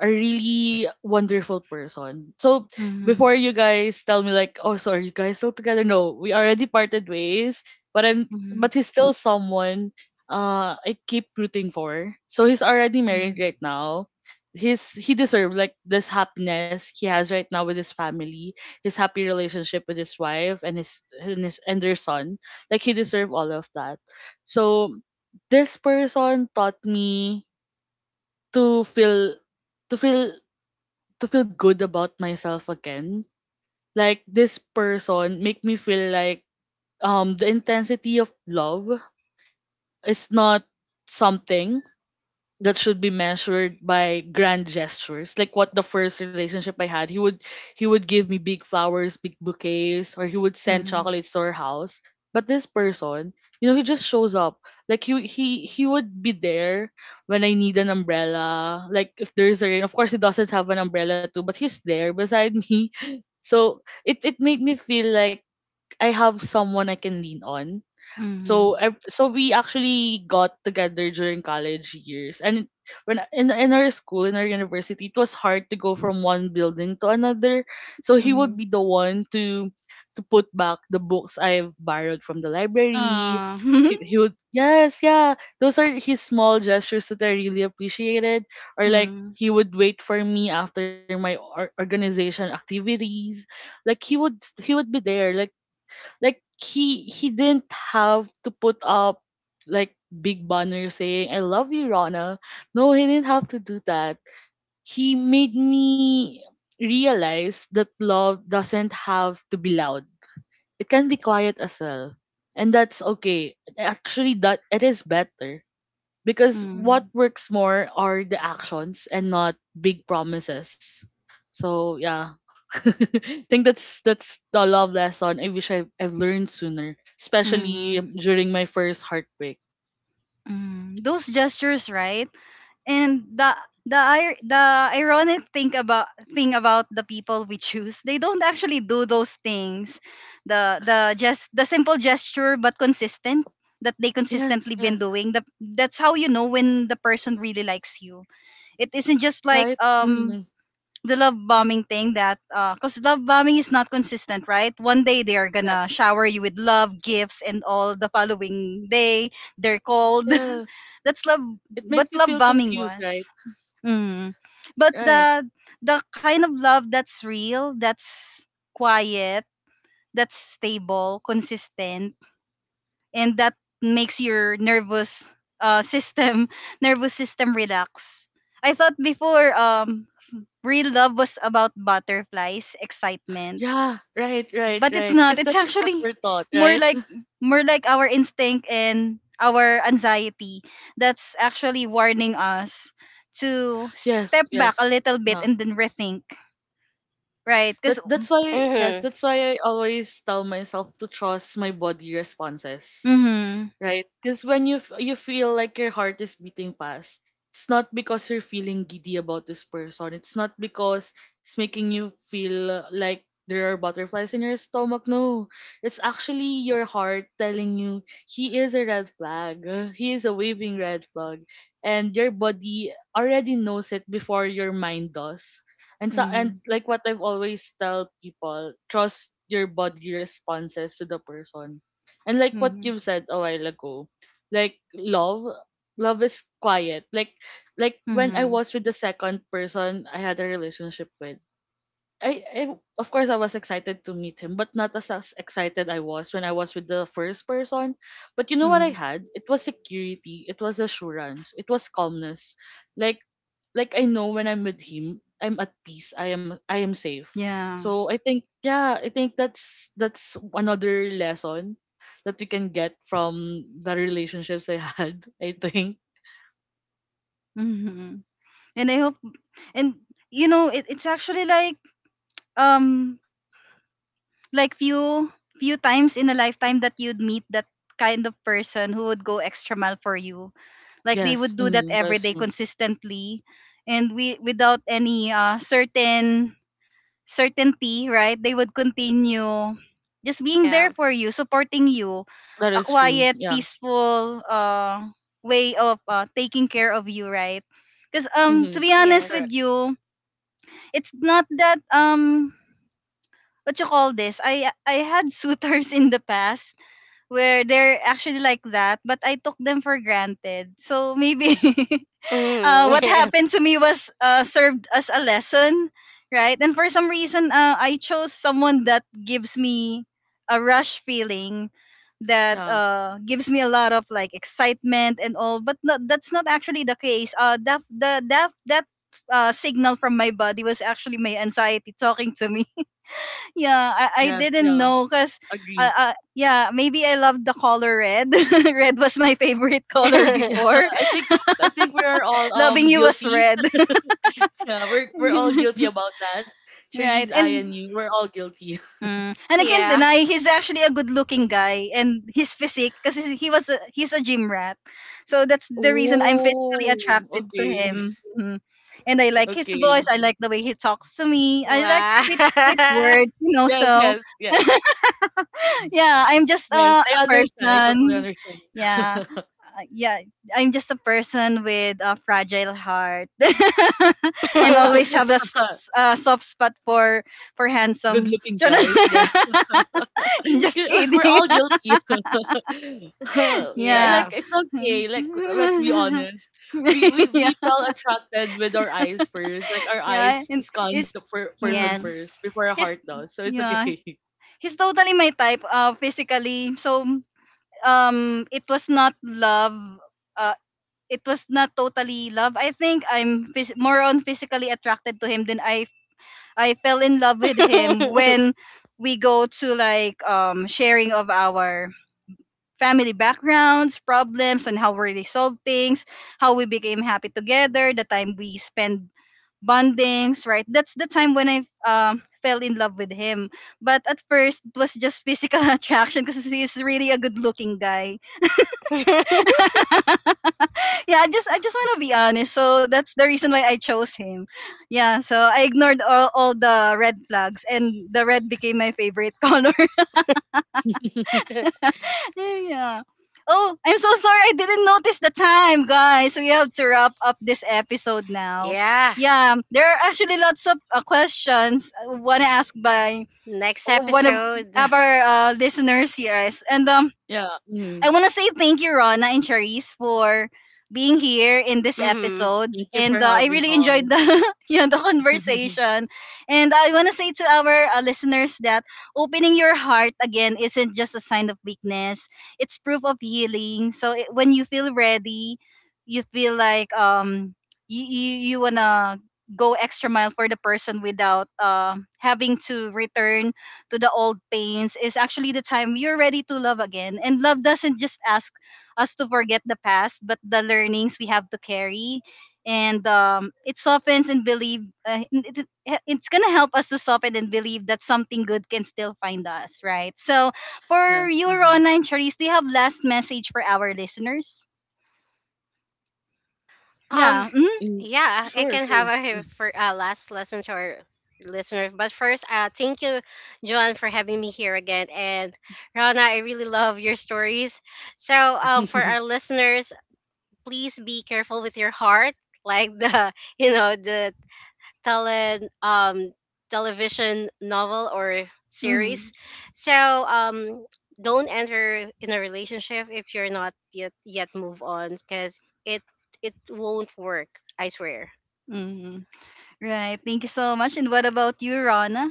a really wonderful person. So before Mhm. you guys tell me like, oh, so are you guys still together? No, we already parted ways. But I'm, Mhm, but he's still someone I keep rooting for. So he's already married mhm, right now. His he deserves like this happiness he has right now with his family, his happy relationship with his wife and their son. Like he deserves all of that. So this person taught me to feel to feel to feel good about myself again. Like this person make me feel like the intensity of love is not something that should be measured by grand gestures. Like what the first relationship I had, he would give me big flowers, big bouquets, or he would send mhm, chocolates to our house. But this person, he just shows up. Like he would be there when I need an umbrella. Like if there's a rain, of course he doesn't have an umbrella too, but he's there beside me. So it made me feel like I have someone I can lean on. so mhm, ev- so we actually got together during college years, and when in our school in our university, it was hard to go from one building to another. So he would mhm. be the one to put back the books I've borrowed from the library. Ah. He would yes yeah those are his small gestures that I really appreciated. Or like Mm, he would wait for me after my organization activities. Like he would be there like he didn't have to put up like big banner saying "I love you, Rana." No, he didn't have to do that. He made me realize that love doesn't have to be loud. It can be quiet as well, and that's okay actually. That it is better because what mm, works more are the actions and not big promises. So yeah. I think that's the love lesson I wish I've learned sooner, mhm, especially during my first heartbreak. mhm. Those gestures, right? And the ironic thing about the people we choose, they don't actually do those things. The simple gesture but consistent, that they Yes, consistently been yes, doing. That's how you know when the person really likes you. It isn't just like, right? Mm, the love bombing thing, that because love bombing is not consistent, right? One day they are gonna yes, shower you with love gifts, and all the following day they're cold. yes. That's love, It what makes you love feel bombing confused, was. right? mm. But Right. the kind of love that's real, that's quiet, that's stable, consistent, and that makes your nervous, system nervous system relax. I thought before, real love was about butterflies, excitement. Yeah, right, right, But it's right. not. Because It's that's what actually we're taught, more right? like more like our instinct and our anxiety that's actually warning us to Yes, step back a yes. little bit Yeah. and then rethink, right? Because, That that's why yes, Mm-hmm. that's why I always tell myself to trust my body responses, hmm, right? Because when you feel like your heart is beating fast, it's not because you're feeling giddy about this person. It's not because it's making you feel like there are butterflies in your stomach. No, it's actually your heart telling you he is a red flag. He is a waving red flag, and your body already knows it before your mind does. And so, hmm, and like what I've always tell people, trust your body responses to the person, and like what hmm, you said a while ago, like love, love is quiet. Like when I hmm, was with the second person I had a relationship with, I of course I was excited to meet him, but not as excited I was when I was with the first person. But you know what I hmm, had? It was security, it was assurance, it was calmness. Like like I know when I'm with him, I'm at peace. I am safe. yeah, So I think, yeah, I think that's another lesson that we can get from the relationships I had. I think hmm. And I hope, and you know it's actually um like few times in a lifetime that you'd meet that kind of person who would go extra mile for you, like they would yes. do that Mm. every That's day true. consistently. And we, without any, certainty, right, they would continue just being there Yeah. for you, supporting you, That a is true. quiet Yeah. peaceful, way of, taking care of you, right? Because, to Mm-hmm. be honest Yes. Correct. with you, it's not that, what you call this? I had suitors in the past where they're actually like that, but I took them for granted. So maybe, what Mm. happened to me was, served as a lesson, right? And for some reason, I chose someone that gives me a rush feeling, that Yeah. Gives me a lot of like excitement and all. But no, that's not actually the case, that the that that signal from my body was actually my anxiety talking to me. Yeah, I Yes. didn't Yeah. know because, Agree. Yeah, maybe I loved the color red. Red was my favorite color Yeah. before. I think I think we are all Loving you was guilty. red. Yeah, we're all guilty about that. Cherise, Right. I, And and you, we're all guilty. mm, and I can't Yeah. deny he's actually a good-looking guy, and his physique, because he he's a gym rat. So that's the reason I'm physically Oh, attracted to okay. him. Mhm. And I like his voice. Okay. I like the way he talks to me. I like Wow. sweet sweet words. Yes, So, yes, yes. yeah, I'm just, Yes, a I understand. I totally person. understand. Yeah. Yeah, I'm just a person with a fragile heart. And always have a s- s- uh, soft spot for Good handsome. looking Charot. guys. Yeah. Just We're kidding. all guilty. Li- Yeah. Yeah. like it's okay. Like let's be honest. We we Yeah. we felt attracted with our eyes first. Like our Yeah. eyes And scan the it's person hmm. first Yes. before our He's. heart does. So it's Yeah. okay. He's totally my type. Physically. So, it was not love. Uh, it was not totally love. I think I'm more on physically attracted to him than I fell in love with him when we go to like, sharing of our family backgrounds, problems, and how we resolve things, how we became happy together, the time we spend bondings, right? That's the time when I fell in love with him. But at first, it was just physical attraction, because he's really a good-looking guy. Yeah, I just want to be honest. So that's the reason why I chose him. Yeah, so I ignored all the red flags and the red became my favorite color. Yeah. Oh, I'm so sorry I didn't notice the time, guys. We have to wrap up this episode now. Yeah. Yeah, there are actually lots of, questions I want to ask by Next one of episode. our, listeners here. And Yeah. Mhm. I want to say thank you, Rona and Charisse, for being here in this Mm-hmm. episode. Thank you And, for I having really enjoyed us. the, yeah, the conversation. And I want to say to our, listeners that opening your heart again isn't just a sign of weakness; it's proof of healing. So when you feel ready, you feel like, you wanna go extra mile for the person without, having to return to the old pains, is actually the time you're ready to love again. And love doesn't just ask us to forget the past, but the learnings we have to carry. And, it softens and believe, it's going to help us to soften and believe that something good can still find us, right? So for Yes. you, Mm-hmm. Rona and Charisse, do you have last message for our listeners? Um. Yeah. Hmm. Mm. Yeah, I Sure, can sure. have a for, last lesson to our listeners. But first, thank you, Joan, for having me here again. And Rana, I really love your stories. So, for our listeners, please be careful with your heart, like the you know, the tele, um, television novel or series. Hmm. So, um, don't enter in a relationship if you're not yet, move on, because it it won't work, I swear. Hmm. Right. Thank you so much. And what about you, Rona?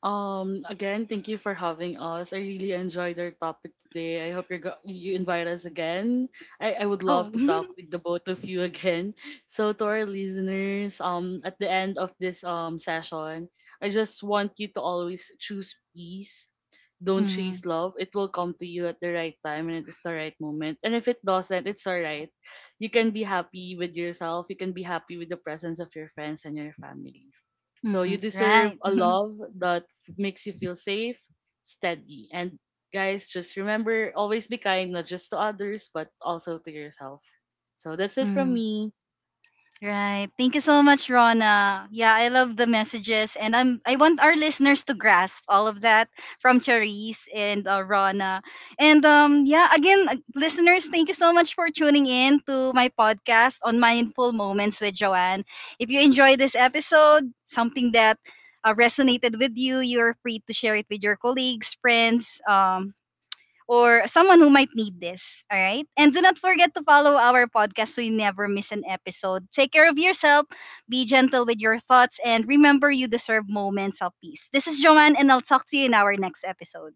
Again, thank you for having us. I really enjoyed our topic today. I hope you invite us again. I would Oh. love to talk with the both of you again. So to our listeners, at the end of this session, I just want you to always choose peace. Don't Hmm. chase love. It will come to you at the right time and at the right moment. And if it doesn't, it's alright. You can be happy with yourself. You can be happy with the presence of your friends and your family. So you Hmm. deserve Right. a love that makes you feel safe, steady. And guys, just remember, always be kind, not just to others, but also to yourself. So that's it from Hmm. me. Right. Thank you so much, Rona. Yeah, I love the messages, and I want our listeners to grasp all of that from Charisse and, Rona. And, yeah, again, listeners, thank you so much for tuning in to my podcast on mindful moments with Joanne. If you enjoyed this episode, something that, resonated with you, you're free to share it with your colleagues, friends, or someone who might need this. All right. And do not forget to follow our podcast so you never miss an episode. Take care of yourself, be gentle with your thoughts, and remember you deserve moments of peace. This is Joanne, and I'll talk to you in our next episode.